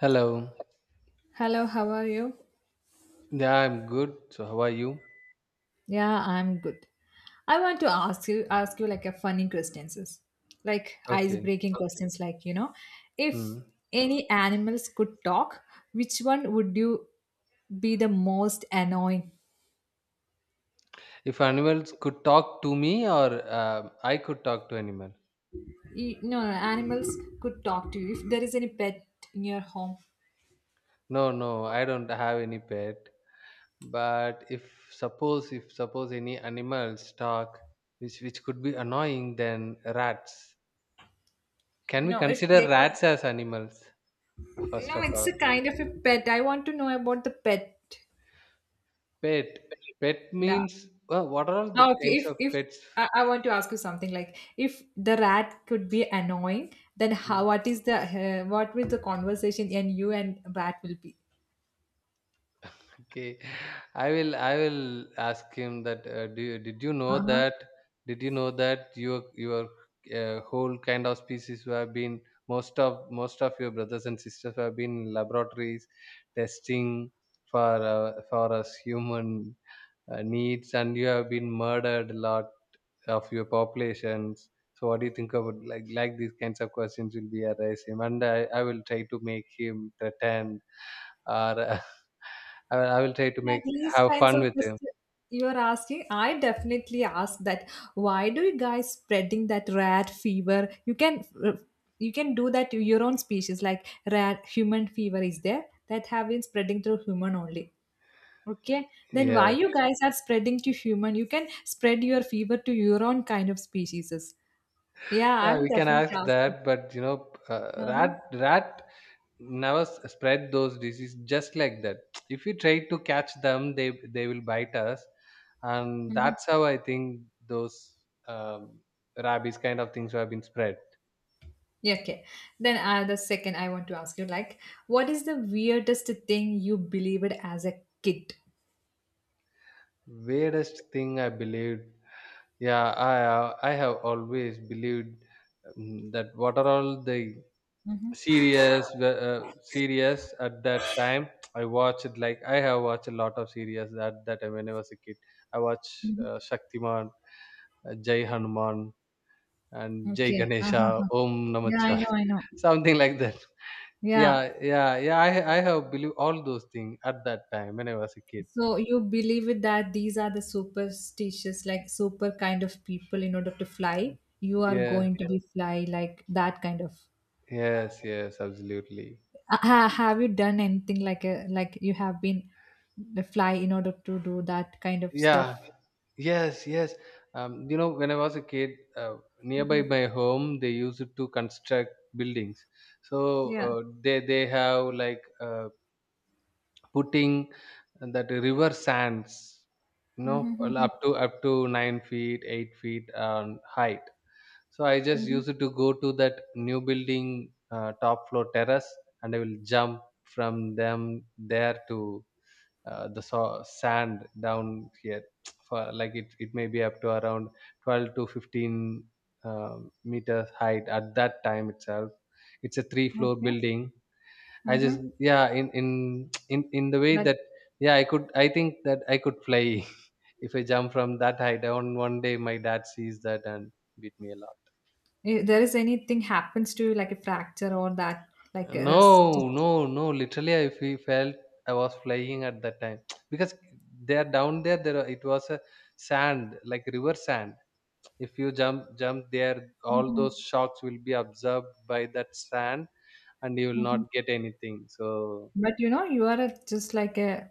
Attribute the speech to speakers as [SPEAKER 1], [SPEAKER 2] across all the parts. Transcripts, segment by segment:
[SPEAKER 1] Hello.
[SPEAKER 2] Hello, how are you?
[SPEAKER 1] Yeah, I'm good. So how are you?
[SPEAKER 2] Yeah, I'm good. I want to ask you like a funny questions. Like ice
[SPEAKER 1] Okay.
[SPEAKER 2] breaking Okay. questions like, you know,
[SPEAKER 1] Hmm.
[SPEAKER 2] if any animals could talk, which one would you be the most annoying?
[SPEAKER 1] If animals could talk to me, or I could talk to animal.
[SPEAKER 2] You, no, animals could talk to you. If there is any pet in your home.
[SPEAKER 1] No, no, I don't have any pet. But if suppose any animals talk, which could be annoying, then rats. Can we
[SPEAKER 2] No, if
[SPEAKER 1] consider
[SPEAKER 2] they could
[SPEAKER 1] rats as animals? First
[SPEAKER 2] No,
[SPEAKER 1] of
[SPEAKER 2] it's
[SPEAKER 1] all,
[SPEAKER 2] a kind of a pet. I want to know about the pet.
[SPEAKER 1] pet. Pet
[SPEAKER 2] Yeah.
[SPEAKER 1] means, well, what are all the
[SPEAKER 2] Okay,
[SPEAKER 1] kinds
[SPEAKER 2] if
[SPEAKER 1] of
[SPEAKER 2] if
[SPEAKER 1] pets?
[SPEAKER 2] I want to ask you something like if the rat could be annoying, then
[SPEAKER 1] Hmm.
[SPEAKER 2] how what is the what will the conversation and you and rat will be?
[SPEAKER 1] Okay, I will ask him that. Did you know
[SPEAKER 2] Uh-huh.
[SPEAKER 1] that? Did you know that your whole kind of species who have been, most of your brothers and sisters who have been in laboratories testing for us human needs, and you have been murdered a lot of your populations. So what do you think about, like these kinds of questions will be arise him, and I will try to make him threaten or uh, I will try to
[SPEAKER 2] Yeah,
[SPEAKER 1] make
[SPEAKER 2] these
[SPEAKER 1] have
[SPEAKER 2] kinds
[SPEAKER 1] fun
[SPEAKER 2] of
[SPEAKER 1] with him.
[SPEAKER 2] questions you are asking, I definitely ask that. Why do you guys spreading that rat fever? You can do that to your own species, like rat human fever is there that have been spreading through human only. Okay, then why
[SPEAKER 1] Yeah.
[SPEAKER 2] you guys are spreading to human? You can spread your fever to your own kind of species. Yeah,
[SPEAKER 1] Yeah,
[SPEAKER 2] I'm
[SPEAKER 1] we can
[SPEAKER 2] definitely
[SPEAKER 1] ask
[SPEAKER 2] asking.
[SPEAKER 1] that, but you know, uh,
[SPEAKER 2] Uh-huh.
[SPEAKER 1] rat rat never spread those diseases just like that. If we try to catch them, they will bite us, and
[SPEAKER 2] Mhm.
[SPEAKER 1] that's how I think those um, rabies kind of things have been spread.
[SPEAKER 2] Yeah, okay. Then the second I want to ask you, like, what is the weirdest thing you believed as a kid?
[SPEAKER 1] Weirdest thing I believed. Yeah, I have always believed that what are all the
[SPEAKER 2] Mm-hmm.
[SPEAKER 1] serious at that time I watched. Like, I have watched a lot of series at that time when I was a kid. I watched
[SPEAKER 2] Mm-hmm.
[SPEAKER 1] Shaktiman, Jai Hanuman and Jai
[SPEAKER 2] Okay.
[SPEAKER 1] Ganesha,
[SPEAKER 2] Uh-huh.
[SPEAKER 1] Om
[SPEAKER 2] Yeah, I know,
[SPEAKER 1] Namachyaya,
[SPEAKER 2] I know.
[SPEAKER 1] something like that.
[SPEAKER 2] Yeah.
[SPEAKER 1] Yeah yeah yeah i i have believed all those things at that time when I was a kid.
[SPEAKER 2] So you believe that these are the superstitious, like super kind of people in order to fly, you are
[SPEAKER 1] Yeah,
[SPEAKER 2] going to be fly like that kind of
[SPEAKER 1] yes, yes, absolutely.
[SPEAKER 2] Have you done anything like a like you have been the fly in order to do that kind of
[SPEAKER 1] Yeah.
[SPEAKER 2] stuff?
[SPEAKER 1] Yes, yes. You know, when I was a kid, nearby
[SPEAKER 2] Hmm.
[SPEAKER 1] my home, they used to construct buildings. So
[SPEAKER 2] Yeah.
[SPEAKER 1] they have, like, putting that river sands, you know, all
[SPEAKER 2] Mm-hmm.
[SPEAKER 1] up to up to 9 feet, 8 feet height. So I just
[SPEAKER 2] Mm-hmm.
[SPEAKER 1] used to go to that new building top floor terrace, and I will jump from them there to sand down here. For like, it may be up to around 12 to 15 meters height at that time itself. It's a three floor
[SPEAKER 2] Okay.
[SPEAKER 1] building. I just
[SPEAKER 2] Mm-hmm.
[SPEAKER 1] Yeah, in the way
[SPEAKER 2] But
[SPEAKER 1] that, yeah, I think that I could fly. If I jump from that height down one day, my dad sees that and beat me a lot.
[SPEAKER 2] if there is anything happens to you like a fracture or that like a stitch.
[SPEAKER 1] No, no, no. Literally, I fe felt I was flying at that time. Because there down there, it was a sand, like river sand. If you jump there, all
[SPEAKER 2] Mhm.
[SPEAKER 1] those shocks will be absorbed by that sand, and you will not get anything. So
[SPEAKER 2] But you know you are a, just like a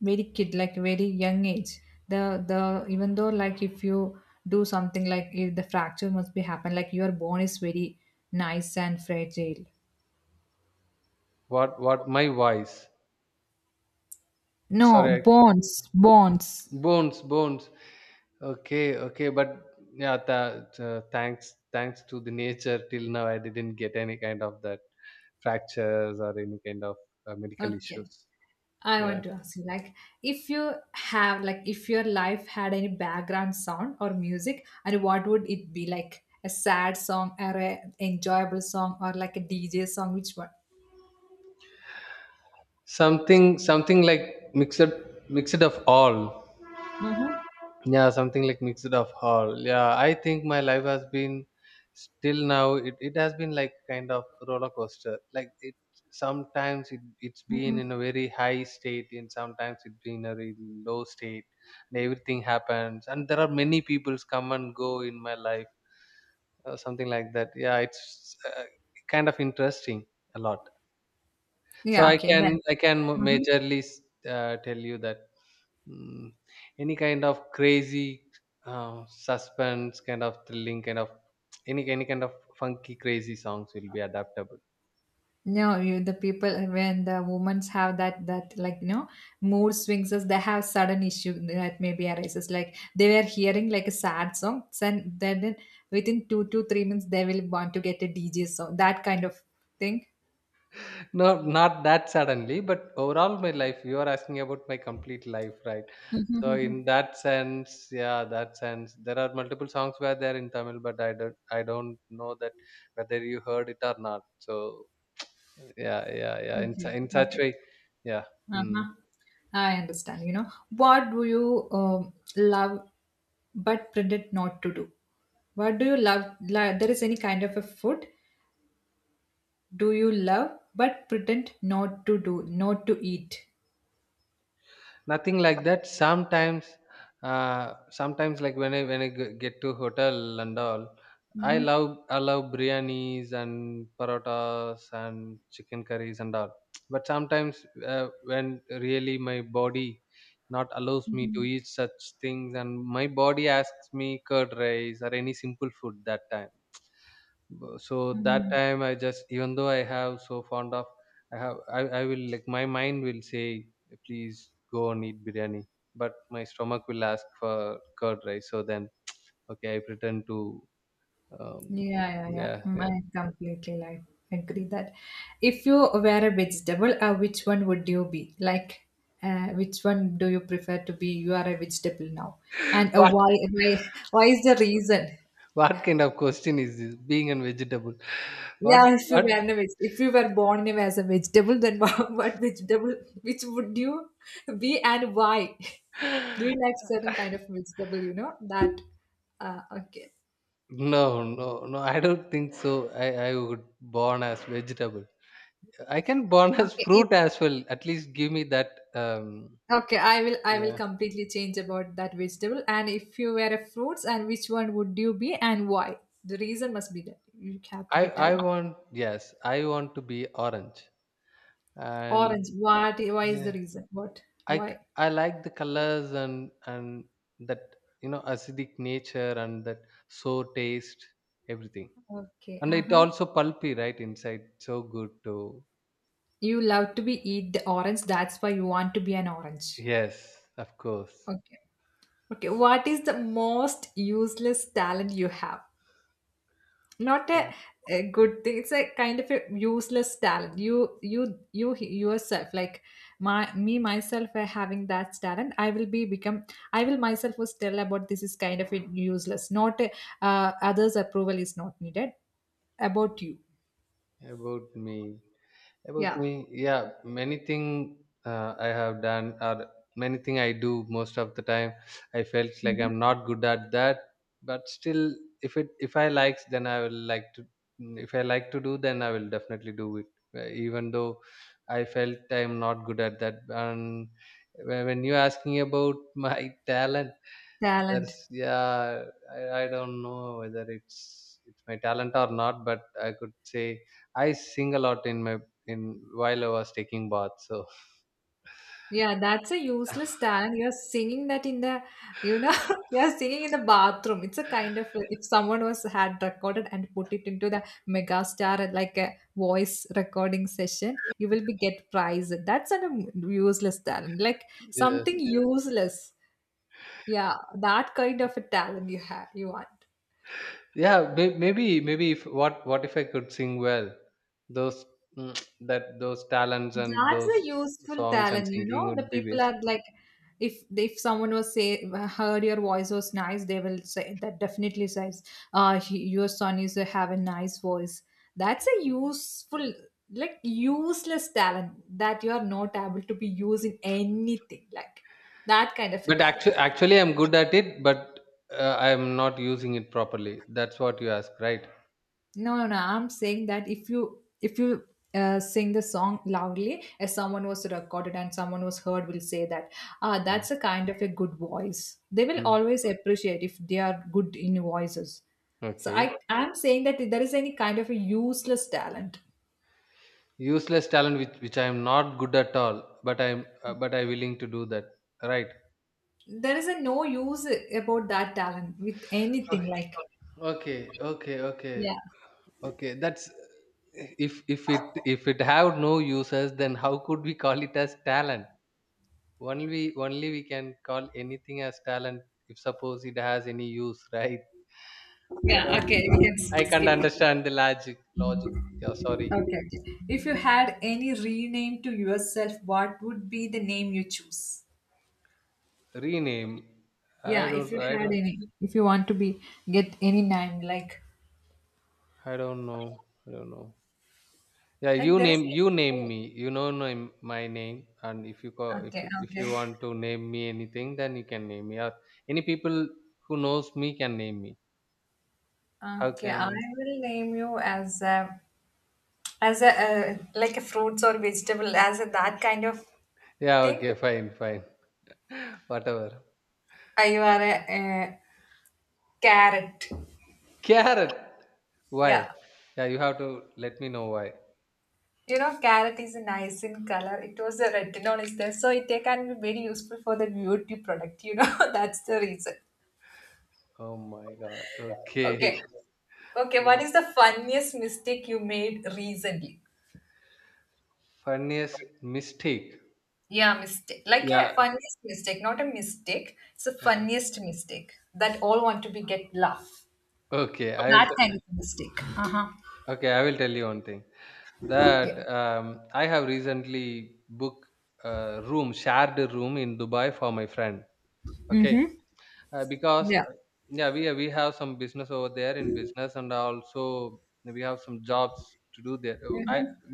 [SPEAKER 2] very kid, like very young age. The even though like if you do something like if the fracture must be happen like your bone is very nice and fragile.
[SPEAKER 1] what, my voice?
[SPEAKER 2] No,
[SPEAKER 1] Sorry, I,
[SPEAKER 2] bonds, bonds.
[SPEAKER 1] bones, bones. Okay, okay, but yeah, thanks to the nature, till now I didn't get any kind of that fractures or any kind of medical
[SPEAKER 2] Okay.
[SPEAKER 1] issues.
[SPEAKER 2] I
[SPEAKER 1] Yeah,
[SPEAKER 2] want to ask you like if you have like if your life had any background sound or music and what would it be like a sad song or a enjoyable song or like a DJ song which one?
[SPEAKER 1] something like mixed, mixed of all.
[SPEAKER 2] Mm-hmm.
[SPEAKER 1] Yeah, something like mixed of all. Yeah, I think my life has been, still now, it has been like kind of roller coaster. Like, it sometimes it's been in a very high state and sometimes it's been a really low state, and everything happens, and there are many people's come and go in my life. Something like that. Yeah, it's kind of interesting a lot. So
[SPEAKER 2] Yeah,
[SPEAKER 1] I
[SPEAKER 2] okay
[SPEAKER 1] can
[SPEAKER 2] then.
[SPEAKER 1] I can majorly tell you that, mm, any kind of crazy, suspense, kind of thrilling, kind of, any kind of funky crazy songs will be adaptable.
[SPEAKER 2] No, you, the people when the women have that like you know mood swings as they have sudden issue that maybe arises like they were hearing like a sad song then within 2 to 3 minutes they will want to get a DJ song that kind of thing.
[SPEAKER 1] No, not that suddenly, but overall my life. You are asking about my complete life, right? So
[SPEAKER 2] Mm-hmm.
[SPEAKER 1] in that sense, yeah, that sense, there are multiple songs were there in Tamil, but I don't know that whether you heard it or not. So yeah, yeah, yeah.
[SPEAKER 2] Okay, okay,
[SPEAKER 1] In such
[SPEAKER 2] okay.
[SPEAKER 1] way, yeah. Hmm.
[SPEAKER 2] Uh-huh. I understand. You know what do you love but pretend not to do? What do you love? Like, there is any kind of a food do you love but pretend not to do not to eat
[SPEAKER 1] Nothing like that. Sometimes uh, sometimes like when I get to hotel and all,
[SPEAKER 2] mm-hmm.
[SPEAKER 1] I love biryanis and parotas and chicken curries and all. But sometimes when really my body not allows me to
[SPEAKER 2] Mm-hmm.
[SPEAKER 1] eat such things, and my body asks me curd rice or any simple food, that time, so that
[SPEAKER 2] Mm-hmm.
[SPEAKER 1] time I just, even though I have so fond of, I will, like, my mind will say, please go and eat biryani, but my stomach will ask for curd rice. So then, okay, I pretend to. um,
[SPEAKER 2] Yeah, yeah, yeah,
[SPEAKER 1] yeah,
[SPEAKER 2] Mm,
[SPEAKER 1] yeah.
[SPEAKER 2] I completely like agree that if you were a vegetable which one would you be like which one do you prefer to be you are a vegetable now and
[SPEAKER 1] What?
[SPEAKER 2] why is the reason
[SPEAKER 1] What kind of question is this, being a vegetable? what
[SPEAKER 2] Yeah, if you
[SPEAKER 1] what
[SPEAKER 2] were a if you were born as a vegetable, then what vegetable, which would you be and why? Do you like certain kind of vegetable? You know that. Okay,
[SPEAKER 1] no, no, no, I don't think so. I would born as vegetable. I can born as
[SPEAKER 2] okay, if,
[SPEAKER 1] fruit as well, at least give me that. um
[SPEAKER 2] okay. I will
[SPEAKER 1] yeah.
[SPEAKER 2] completely change about that vegetable. And if you were a fruits, and which one would you be and why? The reason must be that you have to be tell
[SPEAKER 1] I
[SPEAKER 2] me.
[SPEAKER 1] want Yes, I want to be orange,
[SPEAKER 2] Orange.
[SPEAKER 1] and
[SPEAKER 2] What? Why is the
[SPEAKER 1] yeah,
[SPEAKER 2] reason? What?
[SPEAKER 1] I c-
[SPEAKER 2] Why?
[SPEAKER 1] I like the colors, and that, you know, acidic nature, and that sour taste, everything,
[SPEAKER 2] Okay.
[SPEAKER 1] and
[SPEAKER 2] Uh
[SPEAKER 1] it
[SPEAKER 2] huh.
[SPEAKER 1] also pulpy right inside, so good too.
[SPEAKER 2] You love to be eat the orange. That's why you want to be an orange.
[SPEAKER 1] Yes, of course.
[SPEAKER 2] Okay. Okay. What is the most useless talent you have? Not a,
[SPEAKER 1] What
[SPEAKER 2] a good thing. It's a kind of a useless talent. You yourself, like my, me, myself, having that talent, I will myself was tell about this is kind of a useless. Not a, others' approval is not needed. About you.
[SPEAKER 1] about me? About
[SPEAKER 2] Yeah.
[SPEAKER 1] me, yeah, many thing I have done, or many thing I do most of the time. I felt like
[SPEAKER 2] Mhm.
[SPEAKER 1] I'm not good at that, but still, if I likes, then I will like to. If I like to do, then I will definitely do it. Even though I felt I'm not good at that, and when you asking about my talent, that's,
[SPEAKER 2] Talent.
[SPEAKER 1] yeah. I don't know whether it's my talent or not, but I could say I sing a lot in my, in while I was taking bath. So
[SPEAKER 2] Yeah, that's a useless talent. You're singing that in the, you know, you're singing in the bathroom. It's a kind of if someone was had recorded and put it into the mega star like a voice recording session, you will be get prize. That's a useless talent. Like
[SPEAKER 1] yeah,
[SPEAKER 2] something useless. Yeah, that kind of a talent you have. You want.
[SPEAKER 1] yeah. Maybe if, what if I could sing well, those, that those talents and
[SPEAKER 2] That's
[SPEAKER 1] those
[SPEAKER 2] a useful
[SPEAKER 1] songs and
[SPEAKER 2] talent, you
[SPEAKER 1] singing
[SPEAKER 2] know. The
[SPEAKER 1] would be
[SPEAKER 2] people
[SPEAKER 1] waste.
[SPEAKER 2] are like, if someone was say heard your voice was nice, they will say that definitely says, your son is a, have a nice voice. That's a useful, like useless talent that you are not able to be used in anything, like that kind of a
[SPEAKER 1] But
[SPEAKER 2] talent.
[SPEAKER 1] actually, actually, I'm good at it, but I'm not using it properly. That's what you ask, right?
[SPEAKER 2] No, no, no. I'm saying that if you sing the song loudly, as someone was recorded and someone was heard, will say that ah,
[SPEAKER 1] Mm.
[SPEAKER 2] that's a kind of a good voice. They will
[SPEAKER 1] Mm.
[SPEAKER 2] always appreciate if they are good in voices. So
[SPEAKER 1] Okay.
[SPEAKER 2] I am saying that if there is any kind of a useless talent.
[SPEAKER 1] Useless talent, which I am not good at all, but I'm but I willing to do that, right?
[SPEAKER 2] There is a no use about that talent with anything
[SPEAKER 1] Okay,
[SPEAKER 2] like
[SPEAKER 1] okay, okay. Okay,
[SPEAKER 2] yeah
[SPEAKER 1] okay, that's, if it have no uses, then how could we call it as talent? Only we can call anything as talent if suppose it has any use. Right? I
[SPEAKER 2] yeah
[SPEAKER 1] don't,
[SPEAKER 2] okay we can
[SPEAKER 1] I can't
[SPEAKER 2] skip it.
[SPEAKER 1] understand the logic. Yeah, sorry.
[SPEAKER 2] Okay, okay. If you had any rename to yourself, what would be the name you choose?
[SPEAKER 1] Rename. i
[SPEAKER 2] Yeah, if
[SPEAKER 1] don't
[SPEAKER 2] you
[SPEAKER 1] i
[SPEAKER 2] had
[SPEAKER 1] don't
[SPEAKER 2] any, if you want to be get any name,
[SPEAKER 1] i don't know I don't know. Yeah, you
[SPEAKER 2] like there is
[SPEAKER 1] name, you name
[SPEAKER 2] a,
[SPEAKER 1] me. You know name, my name, and if you call,
[SPEAKER 2] okay,
[SPEAKER 1] if
[SPEAKER 2] okay,
[SPEAKER 1] you want to name me anything, then you can name me. Or any people who knows me can name me. How
[SPEAKER 2] okay.
[SPEAKER 1] can
[SPEAKER 2] I
[SPEAKER 1] I?
[SPEAKER 2] will, name you as a like a fruits or vegetable as a that kind of
[SPEAKER 1] Yeah,
[SPEAKER 2] thing.
[SPEAKER 1] okay, fine, whatever.
[SPEAKER 2] You are a carrot.
[SPEAKER 1] Carrot. Why?
[SPEAKER 2] Yeah,
[SPEAKER 1] Yeah, you have to let me know why.
[SPEAKER 2] you know carrot is nice in color. It was a retinol is there, so it can be very useful for the beauty product. You know that's the reason.
[SPEAKER 1] Oh my God. Okay.
[SPEAKER 2] Okay, okay.
[SPEAKER 1] Yeah.
[SPEAKER 2] What is the funniest mistake you made recently?
[SPEAKER 1] Funniest mistake.
[SPEAKER 2] Yeah, mistake. Like
[SPEAKER 1] Yeah.
[SPEAKER 2] a funniest mistake, not a mistake. It's a
[SPEAKER 1] Okay.
[SPEAKER 2] funniest mistake that all want to be get laugh.
[SPEAKER 1] Okay, I will.
[SPEAKER 2] That kind of mistake. Uh-huh.
[SPEAKER 1] Okay, I will tell you one thing.
[SPEAKER 2] Yeah.
[SPEAKER 1] That I have recently booked a room, shared room, in Dubai for my friend. Okay, uh, because
[SPEAKER 2] Yeah.
[SPEAKER 1] uh, yeah, we have some business over there, in business, and also we have some jobs to do there. I